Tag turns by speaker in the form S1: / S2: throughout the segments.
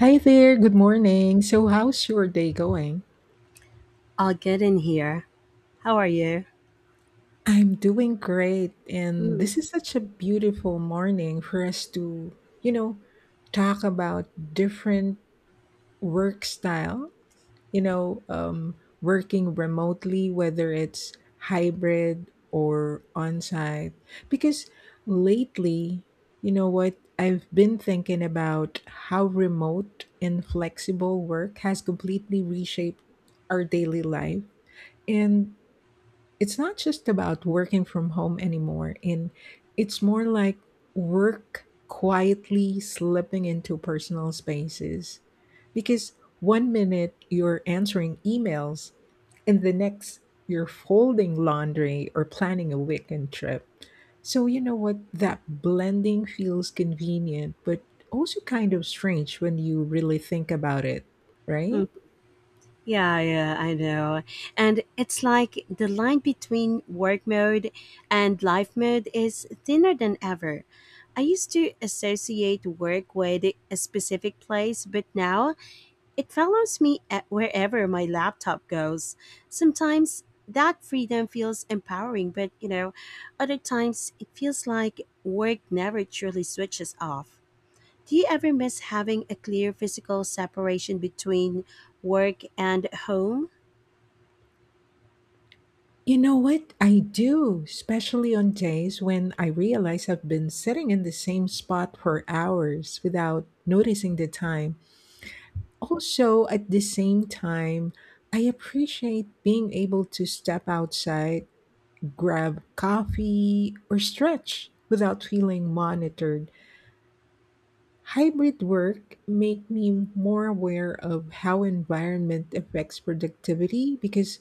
S1: Hi there, good morning. So, how's your day going?
S2: I'll get in here. How are you?
S1: I'm doing great, and this is such a beautiful morning for us to, you know, talk about different work style, you know, um, working remotely, whether it's hybrid or on site. Because lately, you know what, I've been thinking about how remote and flexible work has completely reshaped our daily life. And it's not just about working from home anymore. And it's more like work quietly slipping into personal spaces. Because one minute you're answering emails, and the next you're folding laundry or planning a weekend trip. So, you know what? That blending feels convenient, but also kind of strange when you really think about it, right?
S2: Mm, yeah, yeah, I know. And it's like the line between work mode and life mode is thinner than ever. I used to associate work with a specific place, but now it follows me at wherever my laptop goes. Sometimes that freedom feels empowering, but other times it feels like work never truly switches off. Do you ever miss having a clear physical separation between work and home?
S1: You know what? I do, especially on days when I realize I've been sitting in the same spot for hours without noticing the time. Also, at the same time, I appreciate being able to step outside, grab coffee, or stretch without feeling monitored. Hybrid work made me more aware of how environment affects productivity because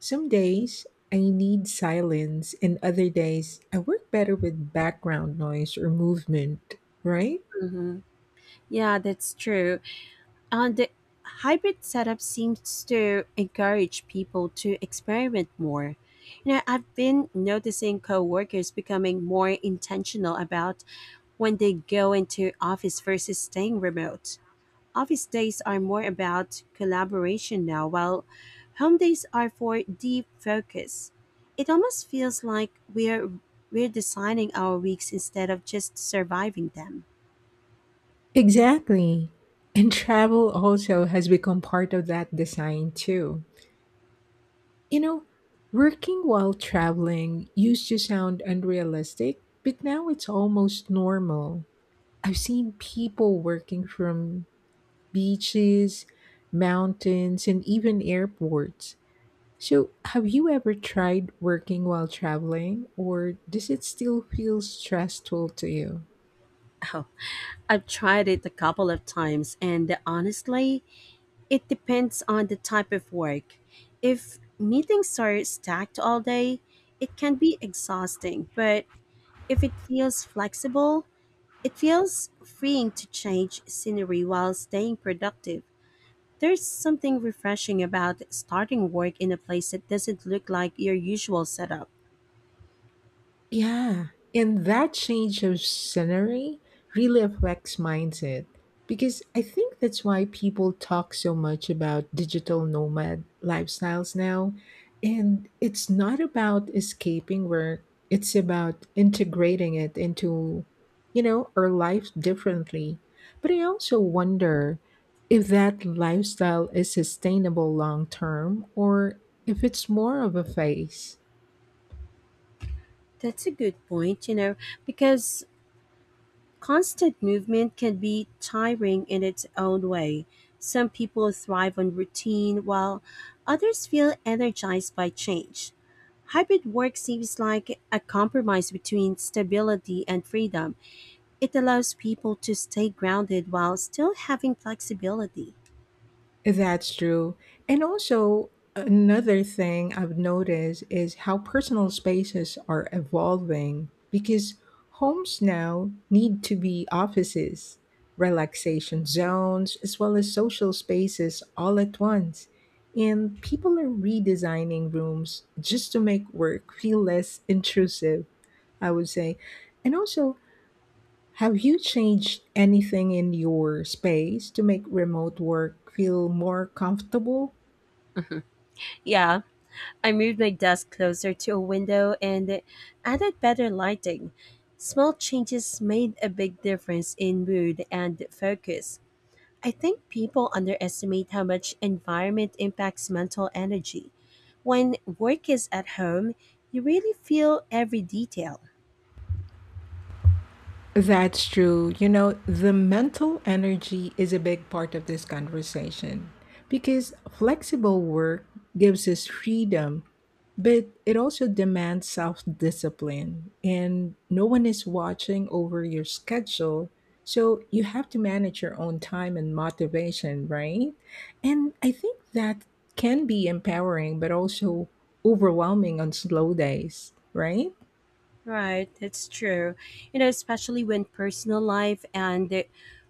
S1: some days I need silence and other days I work better with background noise or movement, right?
S2: Hmm. Yeah, that's true. And the hybrid setup seems to encourage people to experiment more. You know, I've been noticing coworkers becoming more intentional about when they go into office versus staying remote. Office days are more about collaboration now, while home days are for deep focus. It almost feels like we're designing our weeks instead of just surviving them.
S1: Exactly. And travel also has become part of that design too. You know, working while traveling used to sound unrealistic, but now it's almost normal. I've seen people working from beaches, mountains, and even airports. So, have you ever tried working while traveling, or does it still feel stressful to you?
S2: Oh, I've tried it a couple of times, and honestly, it depends on the type of work. If meetings are stacked all day, it can be exhausting, but if it feels flexible, it feels freeing to change scenery while staying productive. There's something refreshing about starting work in a place that doesn't look like your usual setup.
S1: Yeah, and that change of scenery really affects mindset because I think that's why people talk so much about digital nomad lifestyles now. And it's not about escaping work, it's about integrating it into, you know, our life differently. But I also wonder if that lifestyle is sustainable long term or if it's more of a phase.
S2: That's a good point, because constant movement can be tiring in its own way. Some people thrive on routine, while others feel energized by change. Hybrid work seems like a compromise between stability and freedom. It allows people to stay grounded while still having flexibility.
S1: That's true. And also, another thing I've noticed is how personal spaces are evolving because homes now need to be offices, relaxation zones, as well as social spaces all at once. And people are redesigning rooms just to make work feel less intrusive, I would say. And also, have you changed anything in your space to make remote work feel more comfortable?
S2: Yeah, I moved my desk closer to a window and added better lighting. Small changes made a big difference in mood and focus. I think people underestimate how much environment impacts mental energy. When work is at home, you really feel every detail.
S1: That's true. You know, the mental energy is a big part of this conversation because flexible work gives us freedom, but it also demands self discipline, and no one is watching over your schedule. So you have to manage your own time and motivation, right? And I think that can be empowering, but also overwhelming on slow days, right?
S2: Right, that's true. You know, especially when personal life and the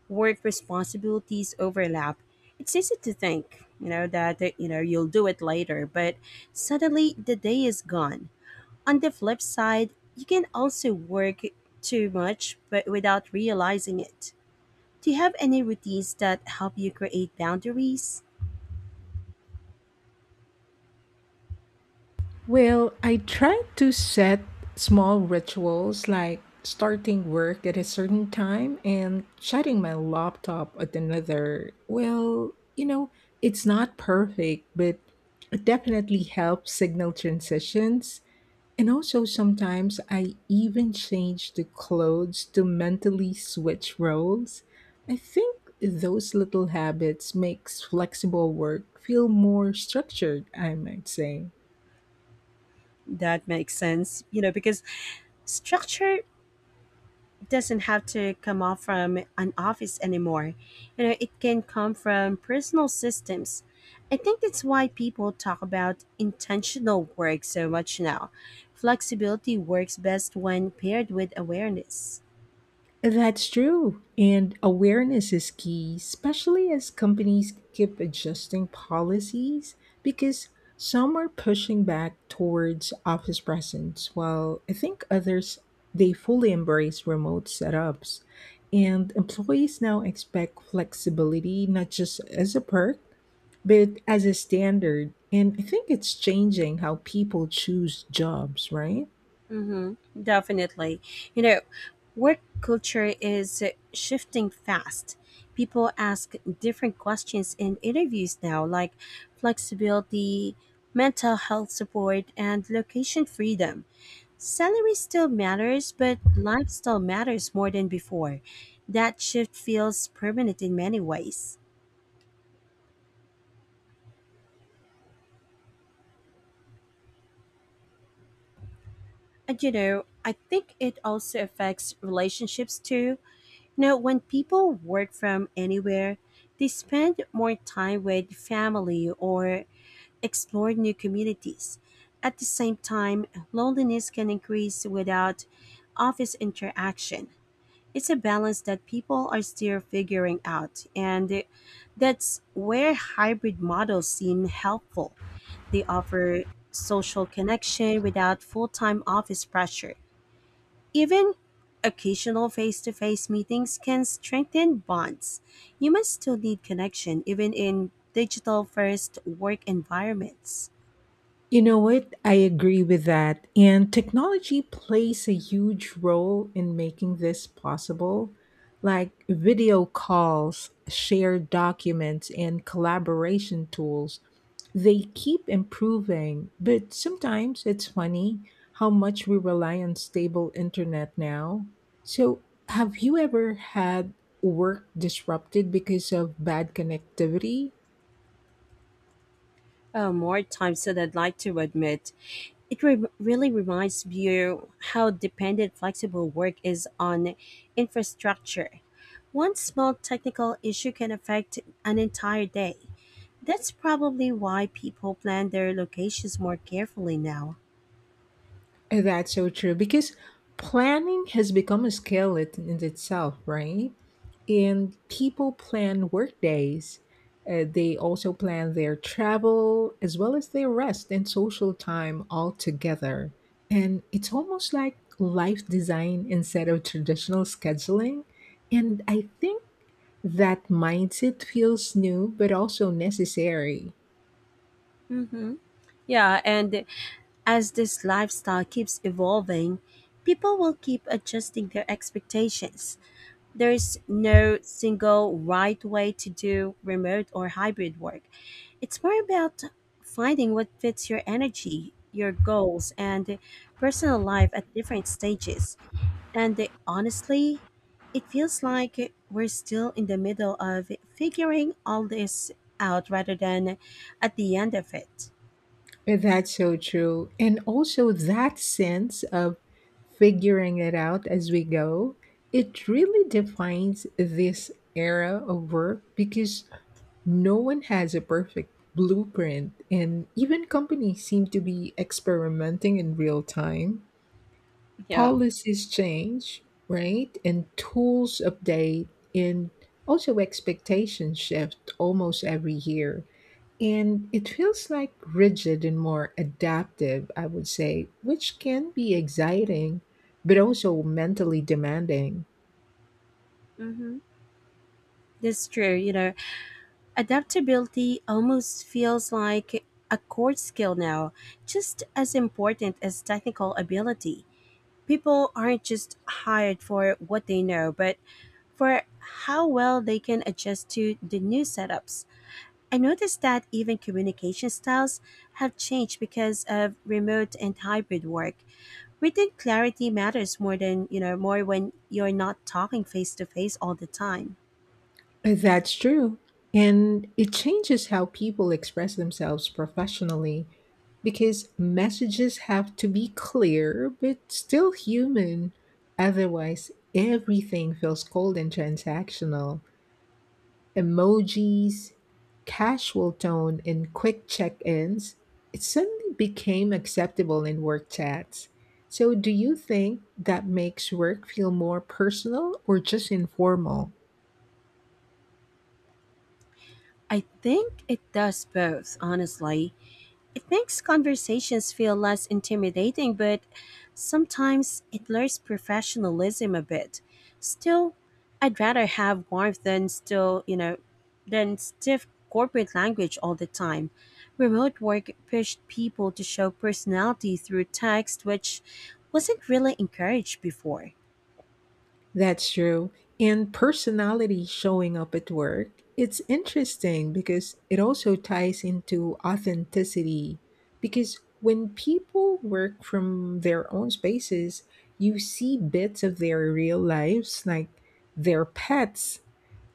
S2: work responsibilities overlap, it's easy to think, that, you'll do it later, but suddenly the day is gone. On the flip side, you can also work too much, but without realizing it. Do you have any routines that help you create boundaries?
S1: Well, I try to set small rituals like starting work at a certain time and shutting my laptop at another. Well, you know, it's not perfect, but it definitely helps signal transitions. And also, sometimes I even change the clothes to mentally switch roles. I think those little habits makes flexible work feel more structured, I might say.
S2: That makes sense, because structure doesn't have to come off from an office anymore. You know, it can come from personal systems. I think that's why people talk about intentional work so much now. Flexibility works best when paired with awareness.
S1: That's true. And awareness is key, especially as companies keep adjusting policies because some are pushing back towards office presence, while I think others they fully embrace remote setups. And employees now expect flexibility not just as a perk, but as a standard. And I think it's changing how people choose jobs, right?
S2: Mm-hmm, definitely. You know, work culture is shifting fast. People ask different questions in interviews now, like flexibility, mental health support, and location freedom. Salary still matters, but lifestyle matters more than before. That shift feels permanent in many ways. And I think it also affects relationships too. You know, when people work from anywhere, they spend more time with family or explore new communities. At the same time, loneliness can increase without office interaction. It's a balance that people are still figuring out, and that's where hybrid models seem helpful. They offer social connection without full-time office pressure. Even occasional face-to-face meetings can strengthen bonds. Humans still need connection even in digital first work environments.
S1: You know what? I agree with that. And technology plays a huge role in making this possible. Like video calls, shared documents, and collaboration tools, they keep improving. But sometimes it's funny how much we rely on stable internet now. So, have you ever had work disrupted because of bad connectivity?
S2: More times than I'd like to admit. It really reminds me how dependent flexible work is on infrastructure. One small technical issue can affect an entire day. That's probably why people plan their locations more carefully now.
S1: That's so true because planning has become a skill in itself, right? And people plan work days. They also plan their travel as well as their rest and social time all together. And it's almost like life design instead of traditional scheduling. And I think that mindset feels new but also necessary.
S2: Mm-hmm. Yeah, and as this lifestyle keeps evolving, people will keep adjusting their expectations. There's no single right way to do remote or hybrid work. It's more about finding what fits your energy, your goals, and personal life at different stages. And honestly, it feels like we're still in the middle of figuring all this out rather than at the end of it.
S1: That's so true. And also that sense of figuring it out as we go, it really defines this era of work because no one has a perfect blueprint and even companies seem to be experimenting in real time.
S2: Yeah.
S1: Policies change, right? And tools update and also expectations shift almost every year. And it feels like rigid and more adaptive, I would say, which can be exciting, but also mentally demanding.
S2: Hmm. That's true. You know, adaptability almost feels like a core skill now, just as important as technical ability. People aren't just hired for what they know, but for how well they can adjust to the new setups. I noticed that even communication styles have changed because of remote and hybrid work. Written clarity matters more than, more when you're not talking face to face all the time.
S1: That's true. And it changes how people express themselves professionally because messages have to be clear but still human. Otherwise, everything feels cold and transactional. Emojis, casual tone, and quick check ins, it suddenly became acceptable in work chats. So, do you think that makes work feel more personal or just informal?
S2: I think it does both, honestly. It makes conversations feel less intimidating, but sometimes it lures professionalism a bit. Still, I'd rather have warmth than still, you know, than stiff corporate language all the time. Remote work pushed people to show personality through text, which wasn't really encouraged before.
S1: That's true. And personality showing up at work, it's interesting because it also ties into authenticity. Because when people work from their own spaces, you see bits of their real lives, like their pets,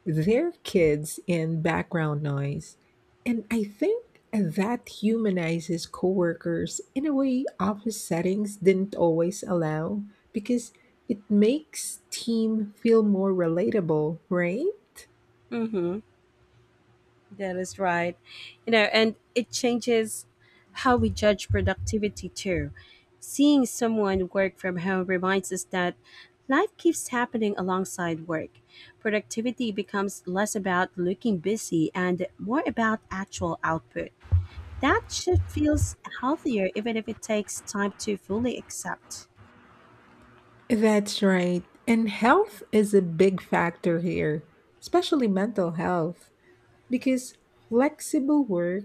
S1: their kids in background noise. And I think that humanizes coworkers in a way office settings didn't always allow because it makes team feel more relatable, right?
S2: Mm hmm. That is right. You know, and it changes how we judge productivity too. Seeing someone work from home reminds us that life keeps happening alongside work. Productivity becomes less about looking busy and more about actual output. That shift feels healthier even if it takes time to fully accept.
S1: That's right. And health is a big factor here, especially mental health. Because flexible work,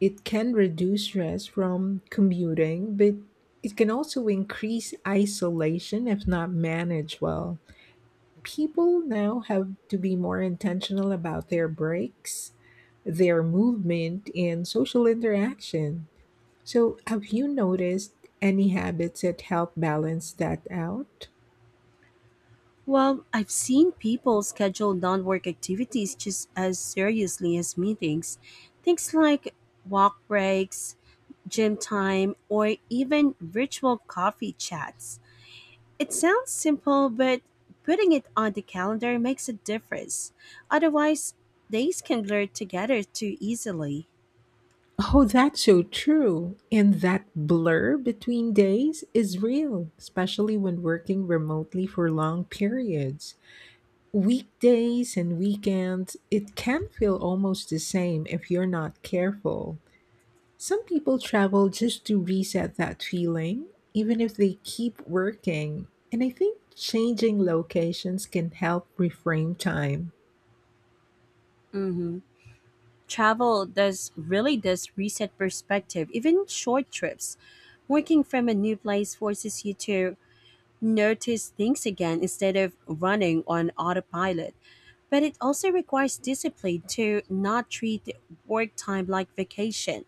S1: it can reduce stress from commuting, but it can also increase isolation if not managed well. People now have to be more intentional about their breaks, their movement, and social interaction. So, have you noticed any habits that help balance that out?
S2: Well, I've seen people schedule non work activities just as seriously as meetings. Things like walk breaks, gym time, or even virtual coffee chats. It sounds simple, but putting it on the calendar makes a difference. Otherwise, days can blur together too easily.
S1: Oh, that's so true. And that blur between days is real, especially when working remotely for long periods. Weekdays and weekends, it can feel almost the same if you're not careful. Some people travel just to reset that feeling, even if they keep working. And I think changing locations can help reframe time.
S2: Hmm. Travel does really does reset perspective, even short trips. Working from a new place forces you to notice things again instead of running on autopilot. But it also requires discipline to not treat work time like vacation.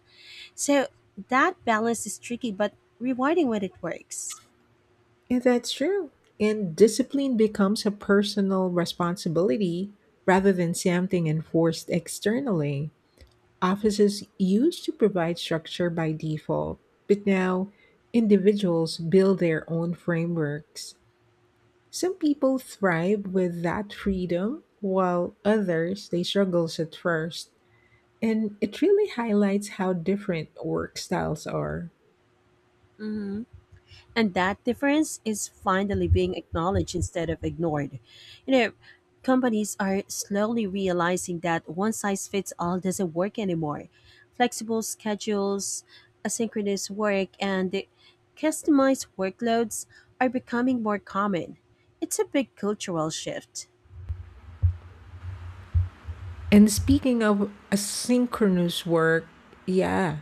S2: So that balance is tricky but rewarding when it works.
S1: And that's true. And discipline becomes a personal responsibility rather than something enforced externally. Offices used to provide structure by default, but now individuals build their own frameworks. Some people thrive with that freedom, while others they struggle at first. And it really highlights how different work styles are.
S2: Hmm. And that difference is finally being acknowledged instead of ignored. You know, companies are slowly realizing that one size fits all doesn't work anymore. Flexible schedules, asynchronous work, and customized workloads are becoming more common. It's a big cultural shift.
S1: And speaking of asynchronous work, yeah,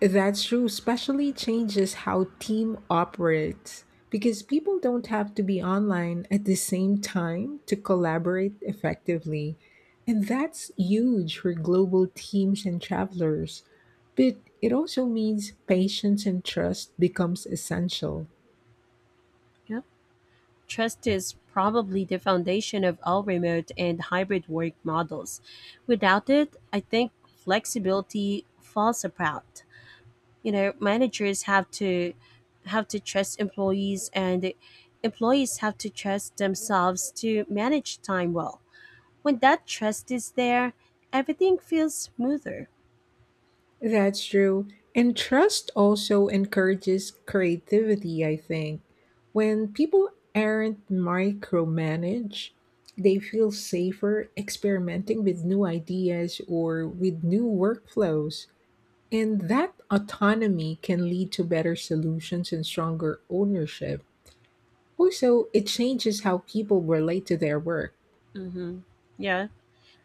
S1: that's true, especially changes how team operates because people don't have to be online at the same time to collaborate effectively. And that's huge for global teams and travelers. But it also means patience and trust becomes essential.
S2: Yeah. Trust is probably the foundation of all remote and hybrid work models. Without it, I think flexibility falls apart. You know, managers have to trust employees, and employees have to trust themselves to manage time well. When that trust is there, everything feels smoother.
S1: That's true. And trust also encourages creativity, I think. When people aren't micromanaged, they feel safer experimenting with new ideas or with new workflows. And that autonomy can lead to better solutions and stronger ownership. Also, it changes how people relate to their work.
S2: Mm-hmm. Yeah,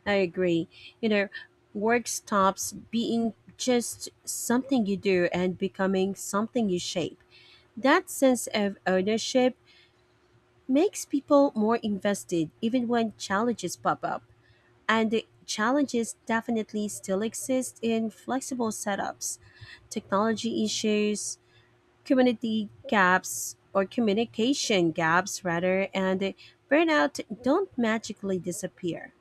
S2: I agree. You know, work stops being just something you do and becoming something you shape. That sense of ownership makes people more invested even when challenges pop up. And the challenges definitely still exist in flexible setups. Technology issues, community gaps, or communication gaps, rather, and burnout don't magically disappear.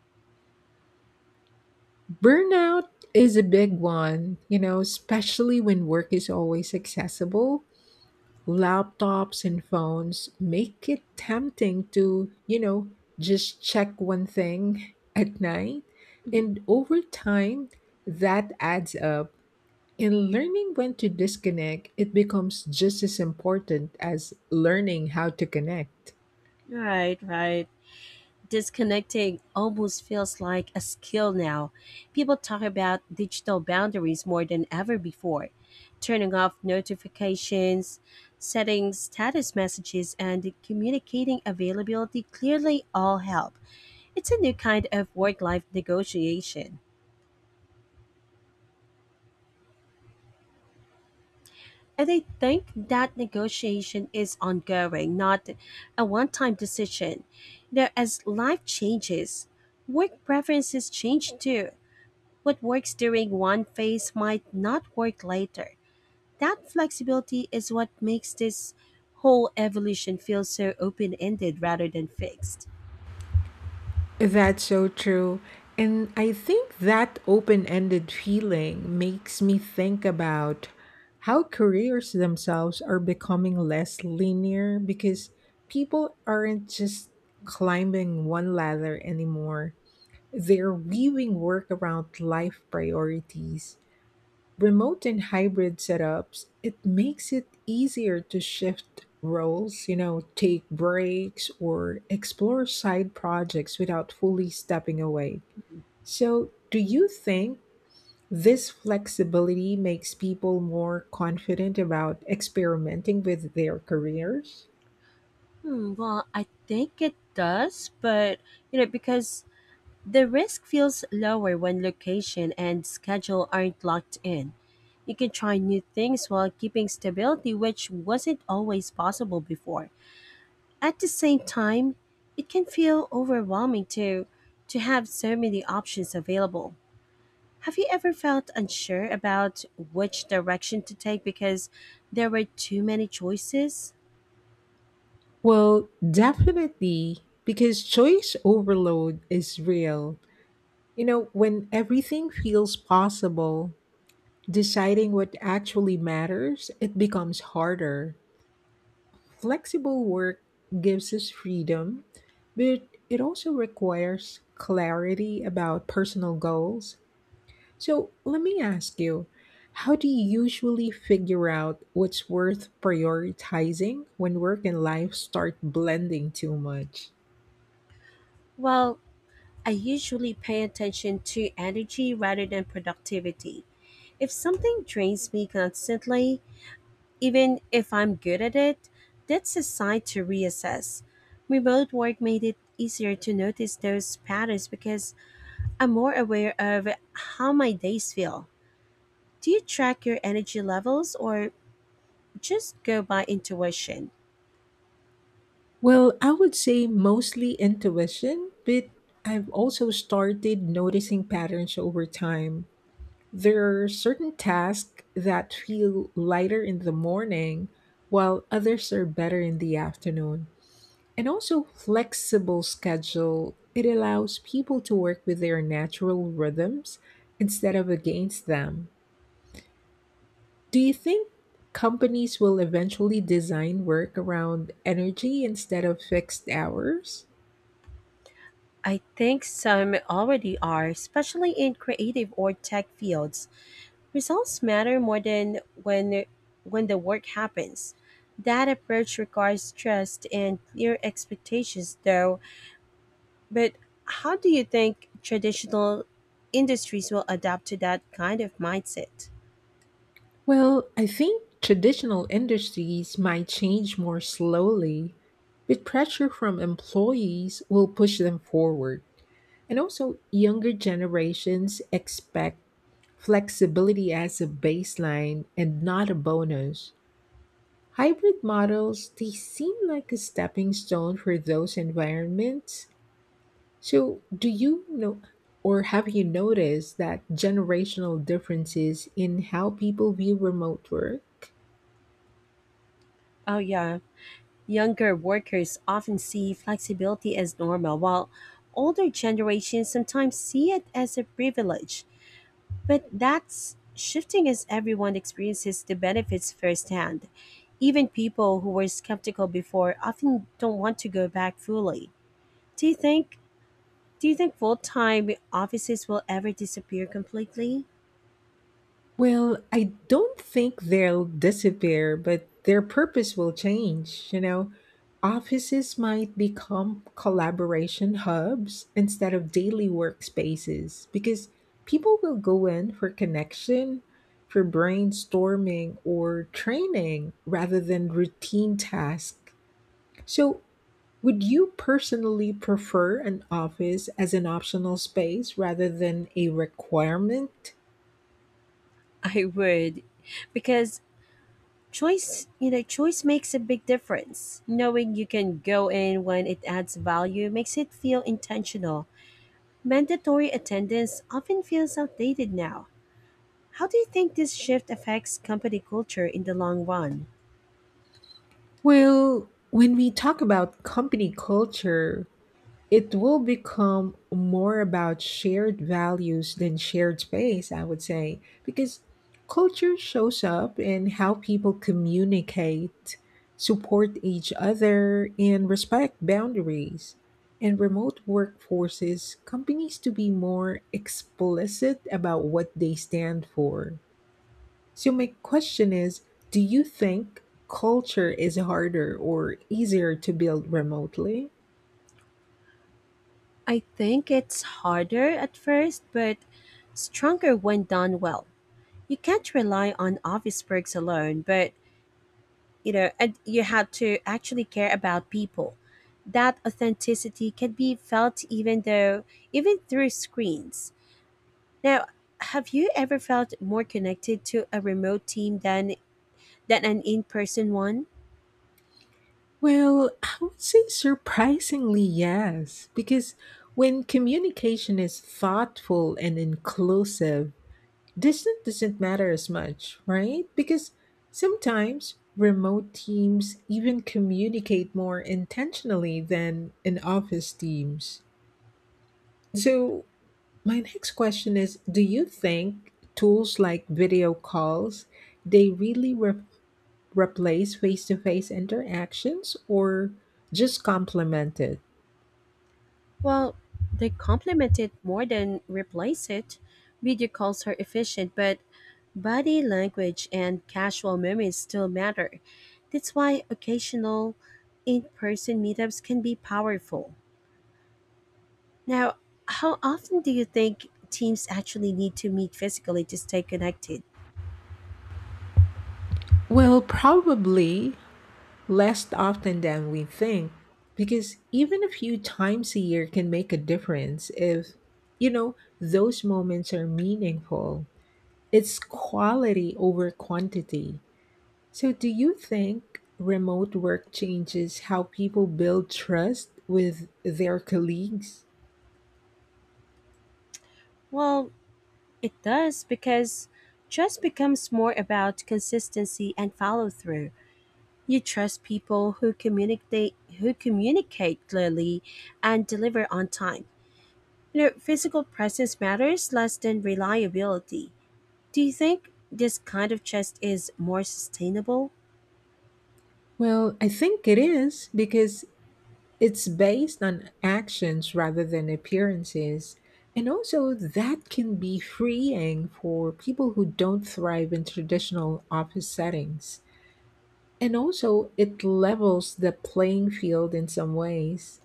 S1: Burnout is a big one, you know, especially when work is always accessible laptops and phones make it tempting to, you know, just check one thing at night.
S2: Mhm.
S1: And over time, that adds up. And learning when to disconnect, it becomes just as important as learning how to connect.
S2: Right, right. Disconnecting almost feels like a skill now. People talk about digital boundaries more than ever before. Turning off notifications, setting status messages, and communicating availability clearly all help. It's a new kind of work life negotiation. And I think that negotiation is ongoing, not a one time decision. You know, as life changes, work preferences change too. What works during one phase might not work later. That flexibility is what makes this whole evolution feel so open ended rather than fixed.
S1: That's so true. And I think that open ended feeling makes me think about how careers themselves are becoming less linear because people aren't just climbing one ladder anymore. They're weaving work around life priorities remote and hybrid setups, it makes it easier to shift roles, you know, take breaks or explore side projects without fully stepping away. So, do you think this flexibility makes people more confident about experimenting with their careers?
S2: Hmm, well, I think it does, but because the risk feels lower when location and schedule aren't locked in. You can try new things while keeping stability, which wasn't always possible before. At the same time, it can feel overwhelming too, to have so many options available. Have you ever felt unsure about which direction to take because there were too many choices?
S1: Well, definitely, because choice overload is real. You know, when everything feels possible, deciding what actually matters, it becomes harder. Flexible work gives us freedom, but it also requires clarity about personal goals. So let me ask you, how do you usually figure out what's worth prioritizing when work and life start blending too much?
S2: Well, I usually pay attention to energy rather than productivity. If something drains me constantly, even if I'm good at it, that's a sign to reassess. Remote work made it easier to notice those patterns because I'm more aware of how my days feel. Do you track your energy levels or just go by intuition?
S1: Well, I would say mostly intuition, but I've also started noticing patterns over time. There are certain tasks that feel lighter in the morning, while others are better in the afternoon. And also, flexible schedule, it allows people to work with their natural rhythms instead of against them. Do you think companies will eventually design work around energy instead of fixed hours?
S2: I think some already are, especially in creative or tech fields. Results matter more than when the work happens. That approach requires trust and clear expectations though. But how do you think traditional industries will adapt to that kind of mindset?
S1: Well, I think traditional industries might change more slowly, but pressure from employees will push them forward. And also, younger generations expect flexibility as a baseline and not a bonus. Hybrid models, they seem like a stepping stone for those environments. So, do you know or have you noticed that generational differences in how people view remote work?
S2: Oh yeah, younger workers often see flexibility as normal, while older generations sometimes see it as a privilege. But that's shifting as everyone experiences the benefits firsthand. Even people who were skeptical before often don't want to go back fully. Do you think do you think full-time offices will ever disappear completely?
S1: Well, I don't think they'll disappear, but their purpose will change. You know, offices might become collaboration hubs instead of daily workspaces because people will go in for connection, for brainstorming, or training rather than routine tasks. So, would you personally prefer an office as an optional space rather than a requirement?
S2: I would, because choice makes a big difference. Knowing you can go in when it adds value makes it feel intentional. Mandatory attendance often feels outdated now. How do you think this shift affects company culture in the long run?
S1: Well, when we talk about company culture, it will become more about shared values than shared space, I would say, because culture shows up in how people communicate, support each other, and respect boundaries. In remote workforces, companies to be more explicit about what they stand for. So, my question is, do you think culture is harder or easier to build remotely?
S2: I think it's harder at first, but stronger when done well. You can't rely on office perks alone, but and you had to actually care about people. That authenticity can be felt even through screens. Now, have you ever felt more connected to a remote team than an in-person one?
S1: Well, I would say surprisingly, yes, because when communication is thoughtful and inclusive, distance doesn't matter as much, right? Because sometimes remote teams even communicate more intentionally than in office teams. So, my next question is, do you think tools like video calls they really replace face-to-face interactions or just complement it?
S2: Well, they complement it more than replace it. Video calls are efficient, but body language and casual moments still matter. That's why occasional in-person meetups can be powerful. Now, how often do you think teams actually need to meet physically to stay connected?
S1: Well, probably less often than we think because even a few times a year can make a difference if you know those moments are meaningful. It's quality over quantity. So, do you think remote work changes how people build trust with their colleagues?
S2: Well, it does, because trust becomes more about consistency and follow through. You trust people who communicate clearly and deliver on time. You know, physical presence matters less than reliability. Do you think this kind of trust is more sustainable?
S1: Well, I think it is because it's based on actions rather than appearances. And also, that can be freeing for people who don't thrive in traditional office settings. And also, it levels the playing field in some ways.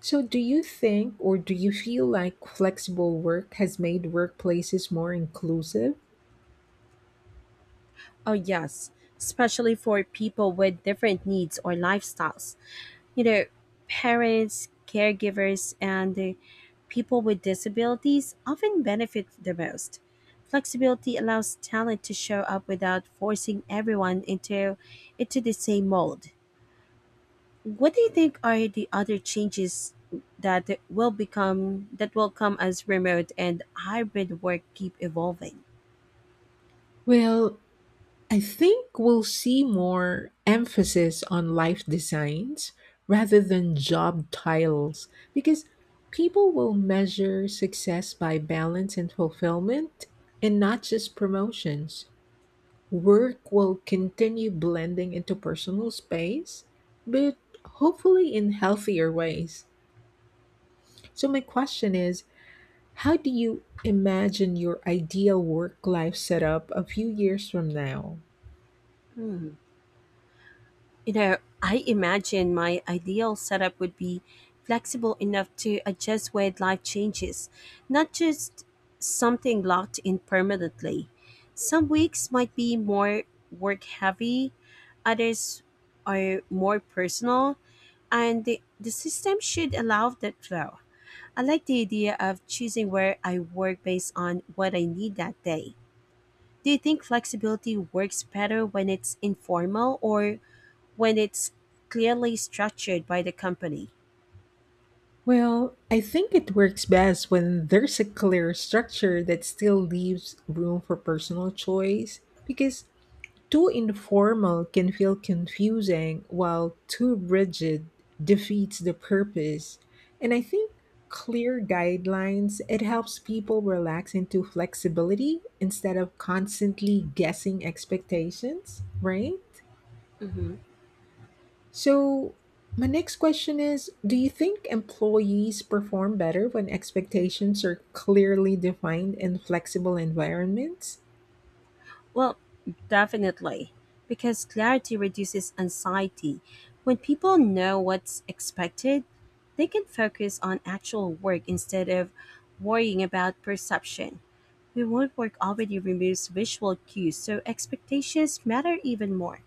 S1: So, do you think or do you feel like flexible work has made workplaces more inclusive?
S2: Oh yes, especially for people with different needs or lifestyles. You know, parents, caregivers, and the people with disabilities often benefit the most. Flexibility allows talent to show up without forcing everyone into the same mold. What do you think are the other changes that will come as remote and hybrid work keep evolving?
S1: Well, I think we'll see more emphasis on life designs rather than job titles because people will measure success by balance and fulfillment and not just promotions. Work will continue blending into personal space, but hopefully in healthier ways. So, my question is, how do you imagine your ideal work life setup a few years from now?
S2: Hmm. You know, I imagine my ideal setup would be flexible enough to adjust with life changes, not just something locked in permanently. Some weeks might be more work heavy, others are more personal, and the system should allow that flow. I like the idea of choosing where I work based on what I need that day. Do you think flexibility works better when it's informal or when it's clearly structured by the company?
S1: Well, I think it works best when there's a clear structure that still leaves room for personal choice because too informal can feel confusing while too rigid defeats the purpose. And I think clear guidelines it helps people relax into flexibility instead of constantly guessing expectations, right?
S2: Hmm.
S1: So, my next question is, do you think employees perform better when expectations are clearly defined in flexible environments?
S2: Well, definitely, because clarity reduces anxiety. When people know what's expected, they can focus on actual work instead of worrying about perception. Remote work already removes visual cues, so expectations matter even more.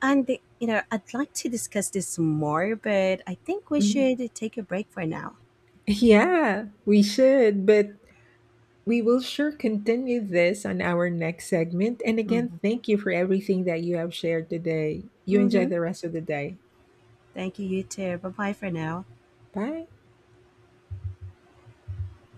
S2: And I'd like to discuss this more, but I think we
S1: Mhm.
S2: should take a break for now.
S1: Yeah, we should, but we will sure continue this on our next segment. And
S2: Hmm.
S1: again, thank you for everything that you have shared today. You enjoy
S2: Mm-hmm.
S1: the rest of the day.
S2: Thank you, you too. Bye bye for now.
S1: Bye.